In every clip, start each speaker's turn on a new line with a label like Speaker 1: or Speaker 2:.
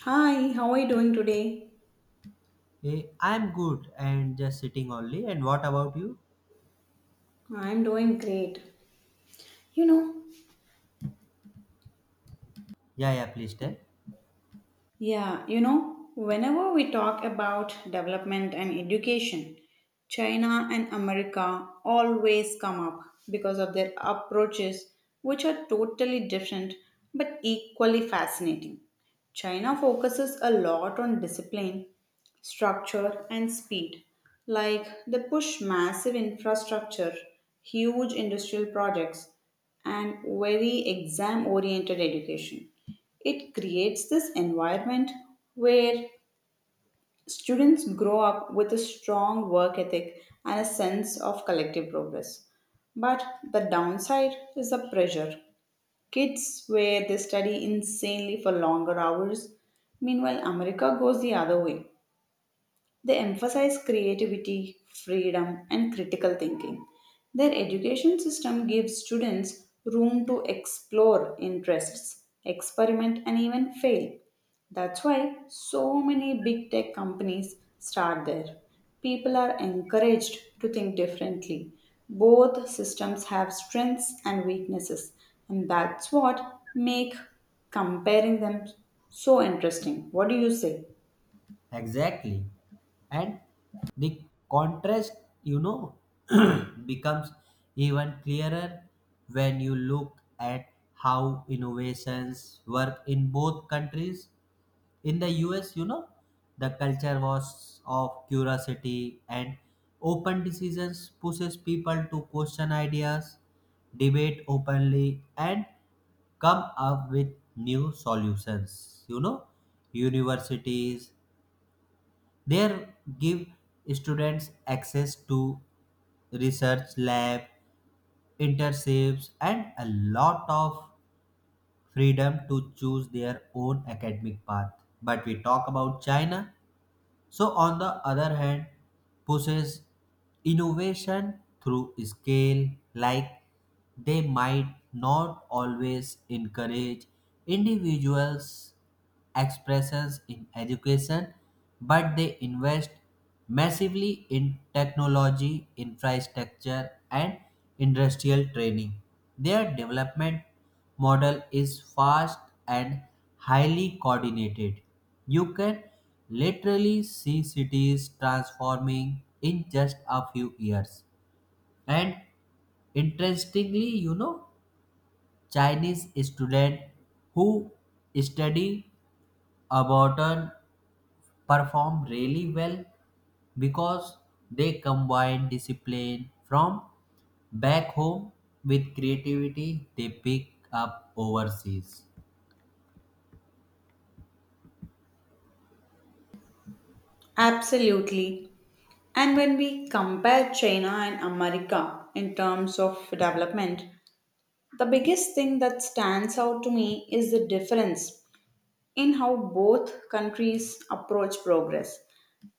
Speaker 1: Hi, how are you doing today?
Speaker 2: I'm good and just sitting only. And what about you?
Speaker 1: I'm doing great. You know,
Speaker 2: Yeah, yeah, please tell.
Speaker 1: Yeah, whenever we talk about development and education, China and America always come up because of their approaches, which are totally different but equally fascinating. China focuses a lot on discipline, structure, and speed. Like they push massive infrastructure, huge industrial projects, and very exam oriented education. It creates this environment where students grow up with a strong work ethic and a sense of collective progress. But the downside is the pressure. Kids, where they study insanely for longer hours. Meanwhile, America goes the other way. They emphasize creativity, freedom, and critical thinking. Their education system gives students room to explore interests, experiment, and even fail. That's why so many big tech companies start there. People are encouraged to think differently. Both systems have strengths and weaknesses, and that's what make comparing them so interesting. What do you say?
Speaker 2: Exactly. And the contrast, you know, becomes even clearer when you look at how innovations work in both countries. In the US, the culture was of curiosity and open decisions pushes people to question ideas, debate openly, and come up with new solutions. Universities there give students access to research lab internships and a lot of freedom to choose their own academic path. But we talk about china, so on the other hand, pushes innovation through scale, like they might not always encourage individuals' expressions in education, but they invest massively in technology, infrastructure, and industrial training. Their development model is fast and highly coordinated. You can literally see cities transforming in just a few years. And interestingly, Chinese students who study Ableton perform really well because they combine discipline from back home with creativity they pick up overseas.
Speaker 1: Absolutely. And when we compare China and America in terms of development, the biggest thing that stands out to me is the difference in how both countries approach progress.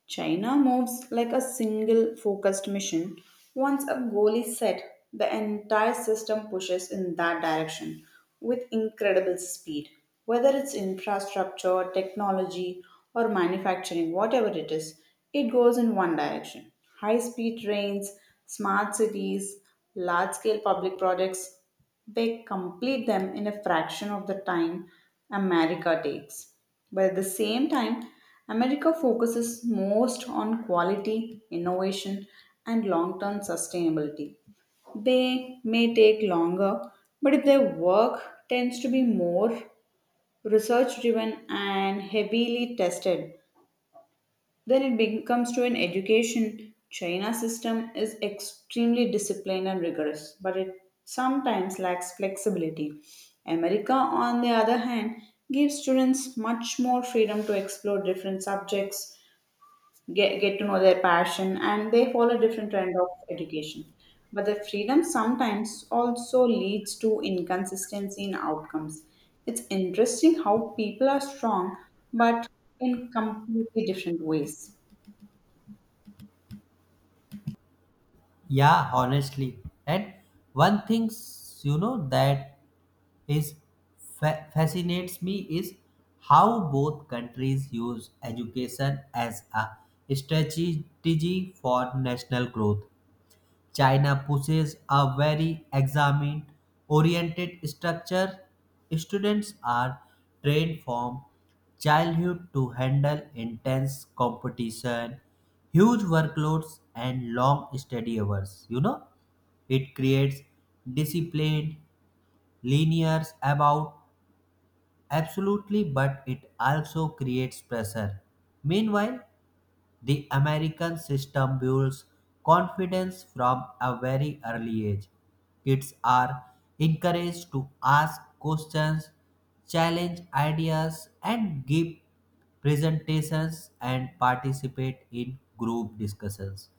Speaker 1: China moves like a single focused mission. Once a goal is set, the entire system pushes in that direction with incredible speed. Whether it's infrastructure, technology, or manufacturing, whatever it is, it goes in one direction. High speed trains, smart cities, large scale public projects, they complete them in a fraction of the time America takes. But at the same time, America focuses most on quality, innovation, and long term sustainability. They may take longer, but if their work tends to be more research driven and heavily tested, then it becomes to an education. China system is extremely disciplined and rigorous, but it sometimes lacks flexibility. America, on the other hand, gives students much more freedom to explore different subjects, get to know their passion, and they follow different trend of education. But the freedom sometimes also leads to inconsistency in outcomes. It's interesting how people are strong, but in completely different ways.
Speaker 2: Yeah, honestly. And one thing, that is fascinates me is how both countries use education as a strategy for national growth. China possesses a very examined oriented structure. Students are trained from childhood to handle intense competition, huge workloads, and long study hours. It creates discipline, linears about absolutely, but it also creates pressure. Meanwhile, the American system builds confidence from a very early age. Kids are encouraged to ask questions, challenge ideas, and give presentations and participate in group discussions.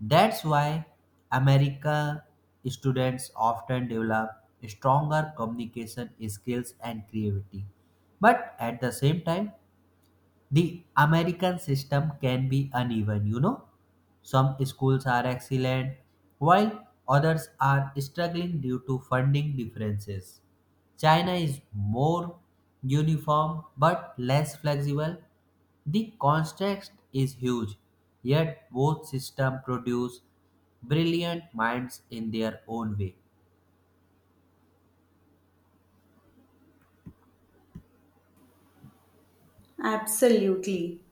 Speaker 2: That's why America students often develop stronger communication skills and creativity. But at the same time, the American system can be uneven. Some schools are excellent, while others are struggling due to funding differences. China is more uniform but less flexible. The contrast is huge, yet both systems produce brilliant minds in their own way.
Speaker 1: Absolutely.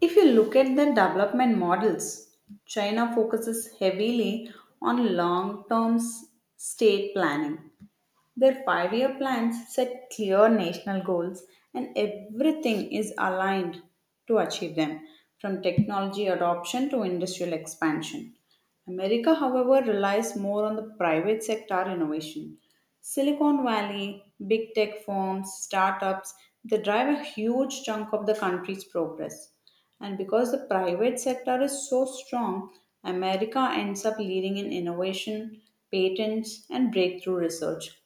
Speaker 1: If you look at the development models, China focuses heavily on long term state planning. Their 5 year plans set clear national goals, and everything is aligned to achieve them, from technology adoption to industrial expansion. America, however, relies more on the private sector innovation. Silicon Valley, big tech firms, startups, they drive a huge chunk of the country's progress. And because the private sector is so strong, America ends up leading in innovation, patents, and breakthrough research.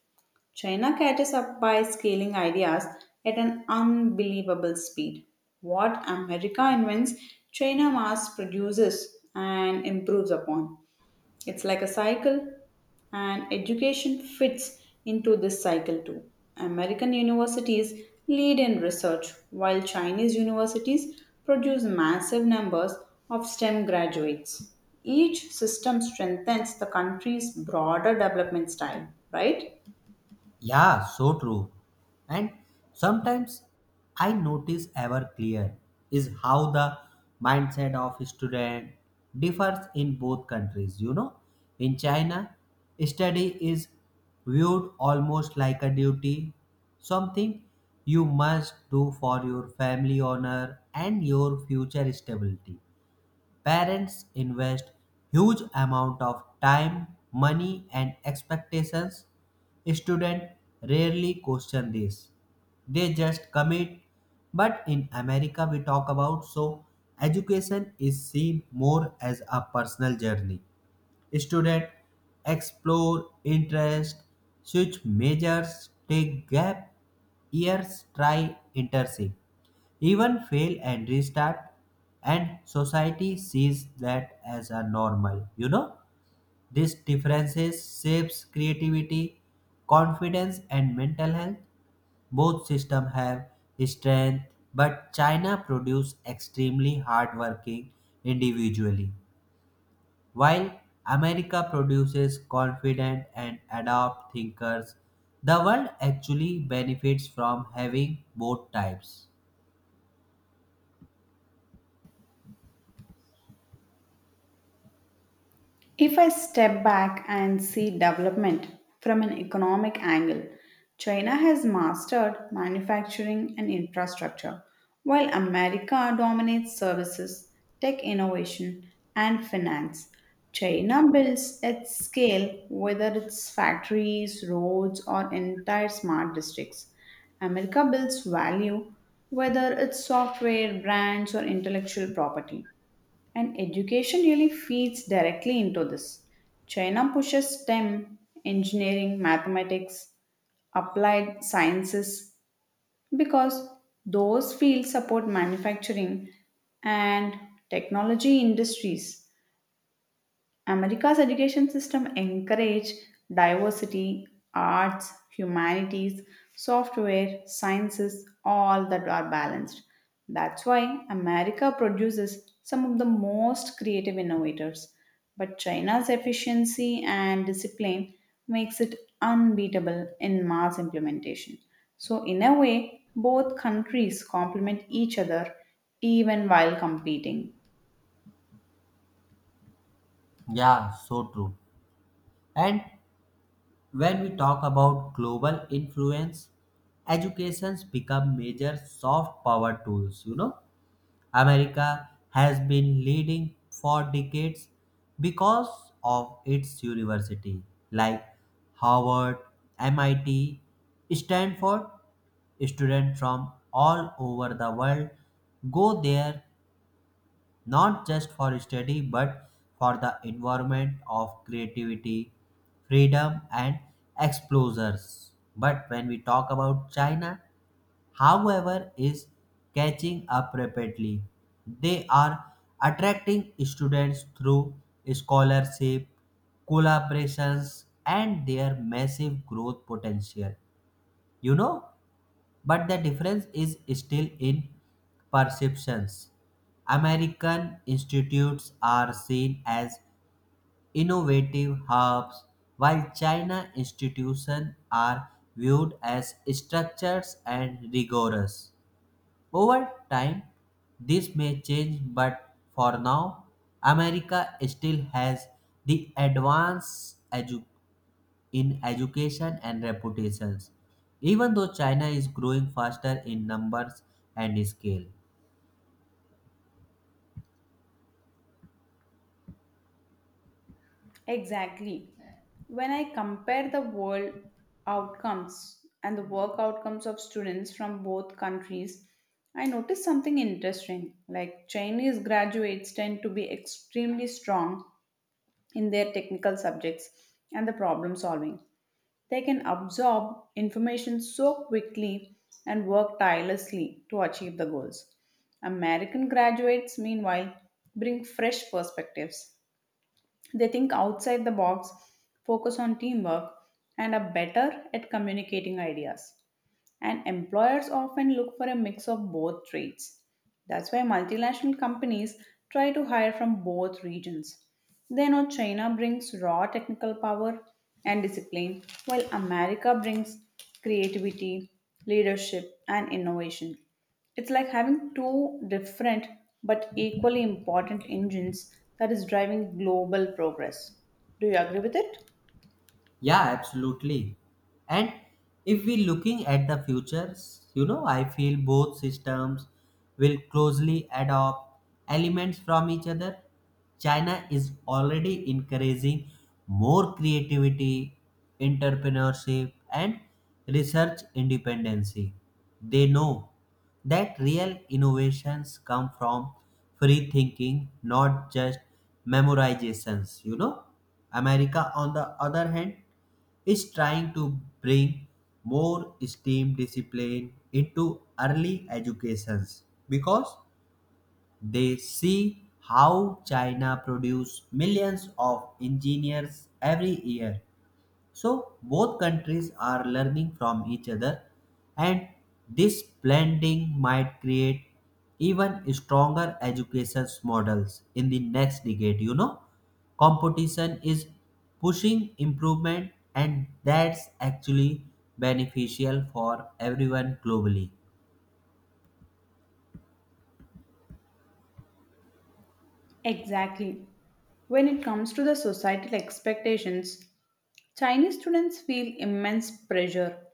Speaker 1: China catches up by scaling ideas at an unbelievable speed. What America invents, China mass produces and improves upon. It's like a cycle, and education fits into this cycle too. American universities lead in research, while Chinese universities produce massive numbers of STEM graduates. Each system strengthens the country's broader development style, right?
Speaker 2: Yeah, so true. And sometimes I notice ever clear is how the mindset of student differs in both countries. In China, study is viewed almost like a duty, something you must do for your family honor and your future stability. Parents invest huge amount of time, money and expectations. Students rarely question this. They just commit. But in America we talk about so education is seen more as a personal journey. Student explore interest, switch majors, take gap years, try internship even fail and restart, and society sees that as a normal. These differences shapes creativity, confidence and mental health. Both system have strength, but china produce extremely hardworking individually, while america produces confident and adapt thinkers. The world actually benefits from having both types.
Speaker 1: If I step back and see development from an economic angle, China has mastered manufacturing and infrastructure, while America dominates services, tech innovation, and finance. China builds at scale, whether it's factories, roads, or entire smart districts. America builds value, whether it's software, brands, or intellectual property. And education really feeds directly into this. China pushes STEM, engineering, mathematics, applied sciences because those fields support manufacturing and technology industries. America's education system encourage diversity, arts, humanities, software, sciences, all that are balanced. That's why America produces some of the most creative innovators. But China's efficiency and discipline makes it unbeatable in mass implementation. So in a way, both countries complement each other even while competing.
Speaker 2: Yeah, so true. And when we talk about global influence, educations become major soft power tools, America has been leading for decades because of its university like Harvard, MIT, Stanford. Students from all over the world go there not just for study but for the environment of creativity, freedom, and exposures. But when we talk about China, however, is catching up rapidly. They are attracting students through scholarship, collaborations, and their massive growth potential. You know, but the difference is still in perceptions. American institutes are seen as innovative hubs, while China institutions are viewed as structures and rigorous. Over time, this may change, but for now, America still has the in education and reputations, even though China is growing faster in numbers and scale.
Speaker 1: Exactly. When I compare the world outcomes and the work outcomes of students from both countries, I notice something interesting. Like Chinese graduates tend to be extremely strong in their technical subjects and the problem solving. They can absorb information so quickly and work tirelessly to achieve the goals. American graduates, meanwhile, bring fresh perspectives. They think outside the box, focus on teamwork, and are better at communicating ideas, and employers often look for a mix of both traits. That's why multinational companies try to hire from both regions. They know China brings raw technical power and discipline, while America brings creativity, leadership, and innovation. It's like having two different but equally important engines that is driving global progress. Do you agree with it?
Speaker 2: Yeah, absolutely. And if we're looking at the futures, I feel both systems will closely adopt elements from each other. China is already encouraging more creativity, entrepreneurship, and research independency. They know that real innovations come from free thinking, not just memorizations. America, on the other hand, is trying to bring more STEAM discipline into early educations because they see how China produces millions of engineers every year. So both countries are learning from each other, and this blending might create even stronger education models in the next decade. Competition is pushing improvement, and that's actually beneficial for everyone globally.
Speaker 1: Exactly. When it comes to the societal expectations, Chinese students feel immense pressure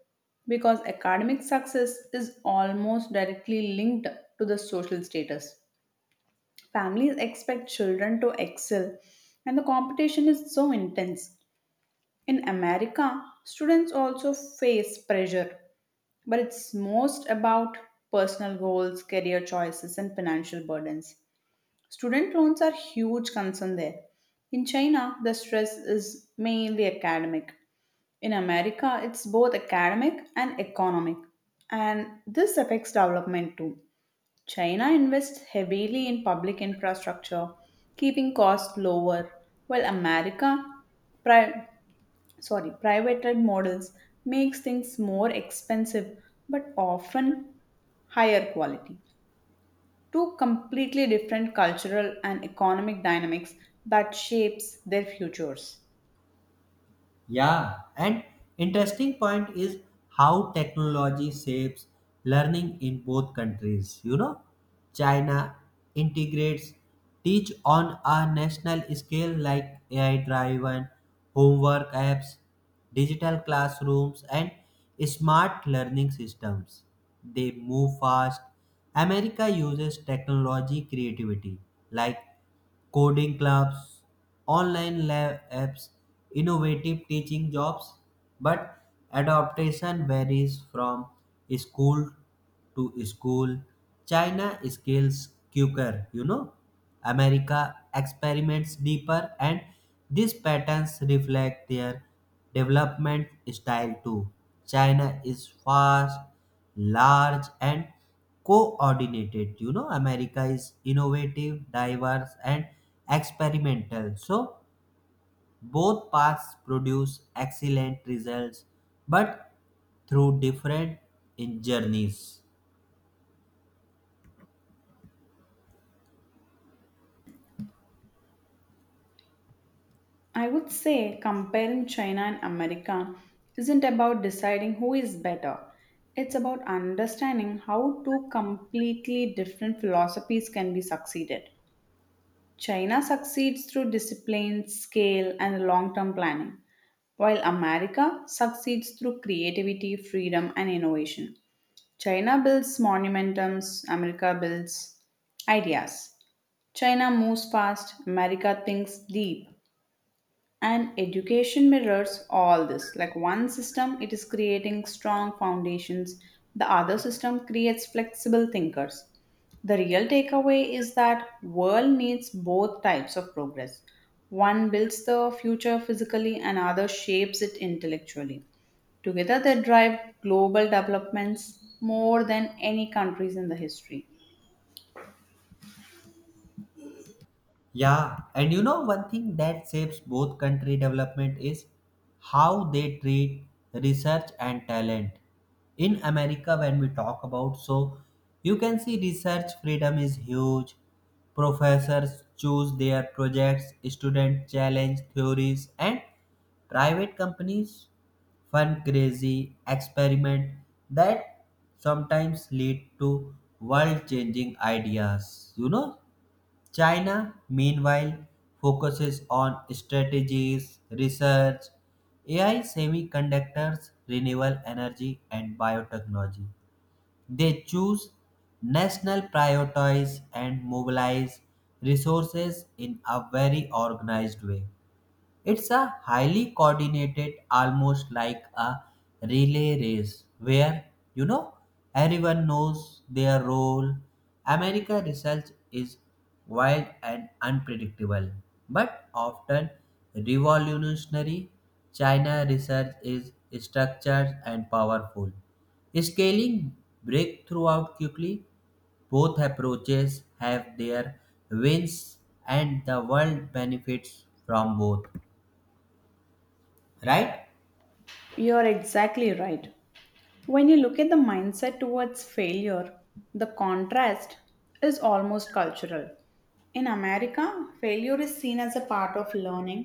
Speaker 1: because academic success is almost directly linked to the social status. Families expect children to excel, and the competition is so intense. In America, students also face pressure, but it's most about personal goals, career choices, and financial burdens. Student loans are huge concern there. In China, the stress is mainly academic. In America, it's both academic and economic, and this affects development too. China invests heavily in public infrastructure, keeping costs lower, while America, pri- sorry, private models makes things more expensive but often higher quality. Two completely different cultural and economic dynamics that shapes their futures.
Speaker 2: Yeah, and interesting point is how technology shapes learning in both countries. China integrates teach on a national scale like AI driven homework apps, digital classrooms, and smart learning systems. They move fast. America uses technology creativity like coding clubs, online lab apps, innovative teaching jobs, but adaptation varies from school to school. China scales quicker, America experiments deeper, and these patterns reflect their development style too. China is fast, large and coordinated. America is innovative, diverse and experimental. So both paths produce excellent results, but through different in journeys.
Speaker 1: I would say comparing China and America isn't about deciding who is better. It's about understanding how two completely different philosophies can be succeeded. China succeeds through discipline, scale, and long term planning, while America succeeds through creativity, freedom, and innovation. China builds monumentums, America builds ideas. China moves fast, America thinks deep, and education mirrors all this. Like one system it is creating strong foundations, the other system creates flexible thinkers. The real takeaway is that world needs both types of progress. One builds the future physically and other shapes it intellectually. Together they drive global developments more than any countries in the history.
Speaker 2: Yeah, and you know one thing that shapes both country development is how they treat research and talent. In America, when we talk about, so you can see research freedom is huge. Professors choose their projects, students challenge theories, and private companies fund crazy experiment that sometimes lead to world changing ideas. China, meanwhile, focuses on strategies, research, AI semiconductors, renewable energy, and biotechnology. They choose national priorities and mobilize resources in a very organized way. It's a highly coordinated, almost like a relay race where, you know, everyone knows their role. America research is wild and unpredictable, but often revolutionary. China research is structured and powerful. Scaling breakthrough out quickly, both approaches have their wins and the world benefits from both, right?
Speaker 1: You're exactly right. When you look at the mindset towards failure, the contrast is almost cultural. In America, failure is seen as a part of learning.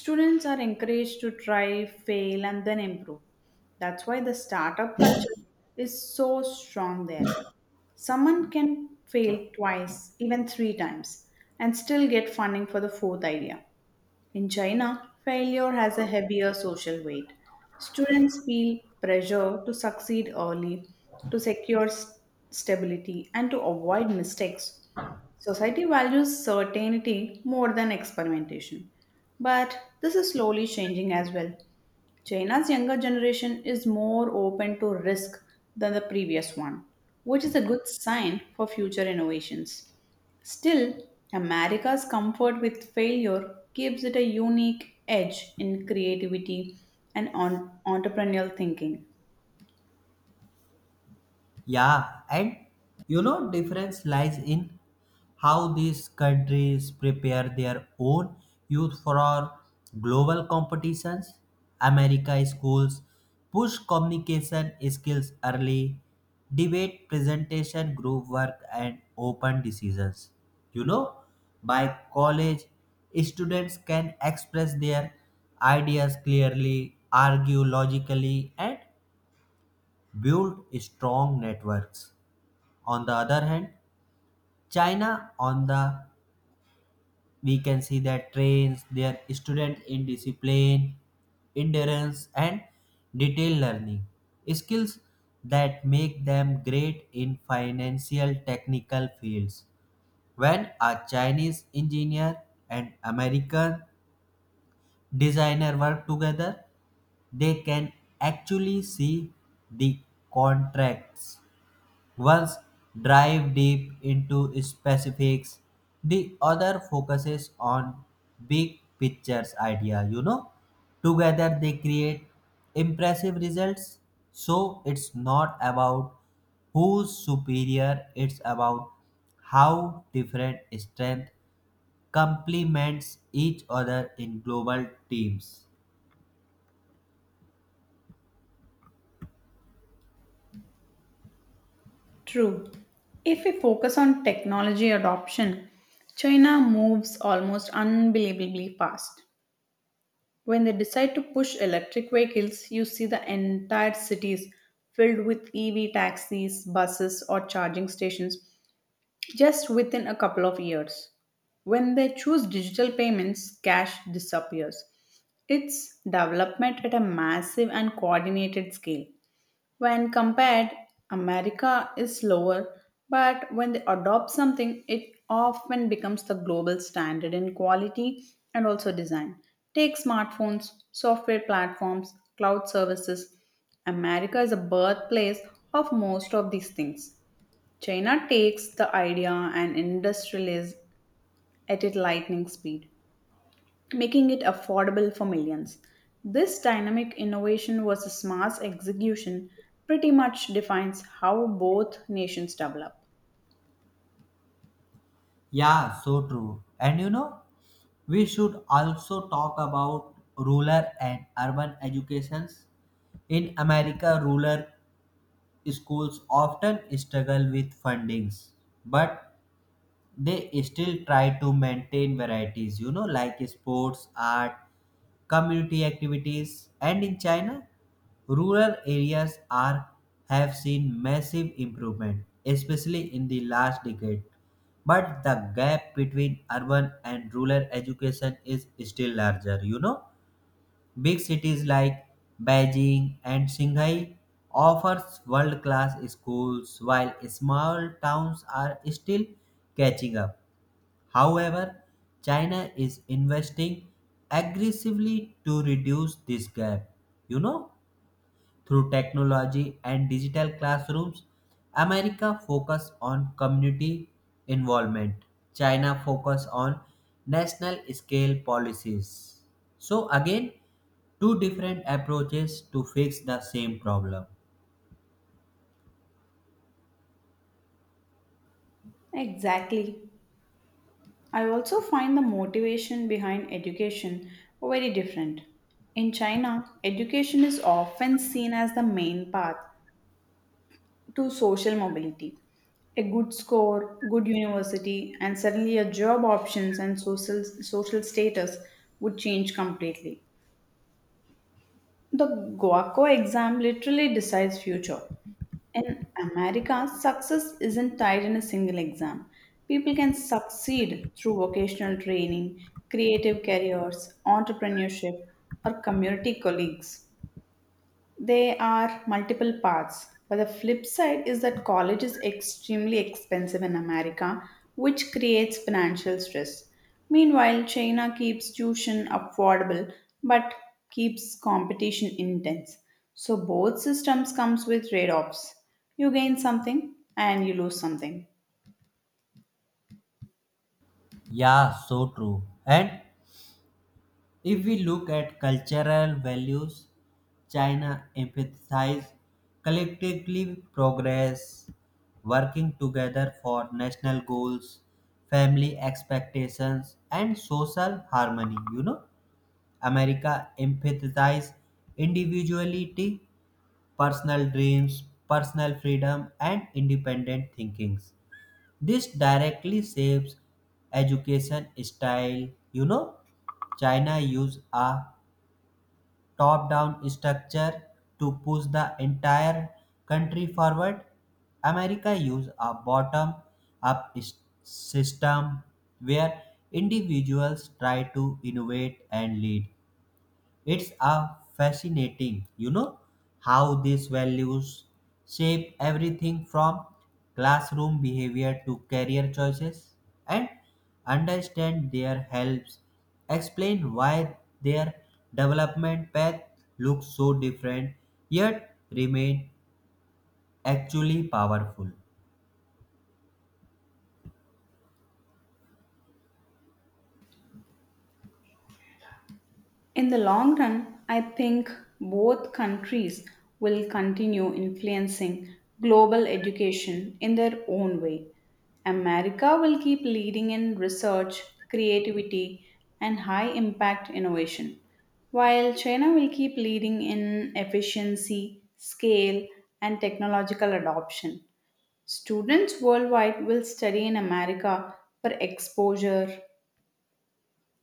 Speaker 1: Students are encouraged to try, fail, and then improve. That's why the startup culture is so strong there. Someone can fail twice, even three times, and still get funding for the fourth idea. In China, failure has a heavier social weight. Students feel pressure to succeed early, to secure stability, and to avoid mistakes. Society values certainty more than experimentation. But this is slowly changing as well. China's younger generation is more open to risk than the previous one, which is a good sign for future innovations. Still, America's comfort with failure gives it a unique edge in creativity and on entrepreneurial thinking.
Speaker 2: Yeah, and you know difference lies in how these countries prepare their own youth for global competitions. America schools push communication skills early, debate presentation group work and open decisions. you know by college students can express their ideas clearly, argue logically and build strong networks. On the other hand, China, on the we can see that trains their student in discipline, endurance, and detailed learning skills that make them great in financial technical fields. When a Chinese engineer and American designer work together, they can actually see the contracts. Once dive deep into specifics, the other focuses on big pictures idea, Together they create impressive results. So it's not about who's superior, it's about how different strength complements each other in global teams.
Speaker 1: True. If we focus on technology adoption, China moves almost unbelievably fast. When they decide to push electric vehicles, you see the entire cities filled with EV taxis, buses, or charging stations just within a couple of years. When they choose digital payments, cash disappears. It's development at a massive and coordinated scale. When compared, America is slower, but when they adopt something, it often becomes the global standard in quality and also design. Take smartphones, software platforms, cloud services. America is a birthplace of most of these things. China takes the idea and industrializes at its lightning speed, making it affordable for millions. This dynamic innovation versus mass execution pretty much defines how both nations develop.
Speaker 2: Yeah, so true. And we should also talk about rural and urban educations. In America, rural schools often struggle with fundings, but they still try to maintain varieties, like sports art community activities. And in china rural areas are have seen massive improvement, especially in the last decade, but the gap between urban and rural education is still larger. Big cities like beijing and shanghai offers world class schools while small towns are still catching up. However, China is investing aggressively to reduce this gap. You know, through technology and digital classrooms, America focus on community involvement. China focus on national scale policies. So again, two different approaches to fix the same problem.
Speaker 1: Exactly. I also find the motivation behind education very different. In China, education is often seen as the main path to social mobility. A good score, good university, and suddenly your job options and social status would change completely. The Guaco exam literally decides future. In America, success isn't tied in a single exam. People can succeed through vocational training, creative careers, entrepreneurship, or community colleagues. There are multiple paths, but the flip side is that college is extremely expensive in America, which creates financial stress. Meanwhile, China keeps tuition affordable but keeps competition intense. So both systems comes with trade-offs. You gain something and you lose something.
Speaker 2: Yeah, so true. And if we look at cultural values, China emphasizes collectively progress, working together for national goals, family expectations, and social harmony. America emphasizes individuality, personal dreams, personal freedom, and independent thinkings. This directly shapes education style. You know, China use a top-down structure to push the entire country forward. America used a bottom-up system where individuals try to innovate and lead. It's a fascinating, how these values shape everything from classroom behavior to career choices, and understand their helps explain why their development path looks so different yet remain actually powerful.
Speaker 1: In the long run, I think both countries will continue influencing global education in their own way. America will keep leading in research, creativity, and high impact innovation, while China will keep leading in efficiency, scale, and technological adoption. Students worldwide will study in America for exposure,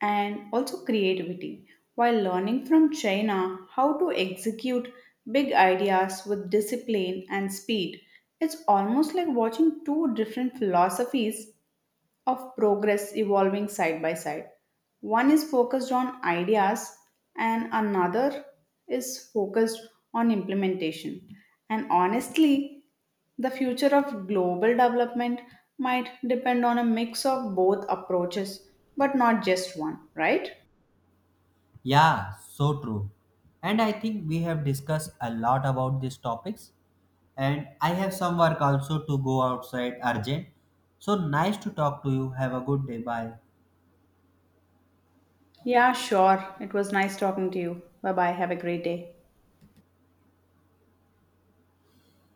Speaker 1: and also creativity while learning from China how to execute big ideas with discipline and speed. It's almost like watching two different philosophies of progress evolving side by side. One is focused on ideas, and another is focused on implementation. And honestly, the future of global development might depend on a mix of both approaches, but not just one, right?
Speaker 2: Yeah, so true. And I think we have discussed a lot about these topics. And I have some work also to go outside urgent. So nice to talk to you. Have a good day. Bye.
Speaker 1: Yeah, sure. It was nice talking to you. Bye bye. Have a great day.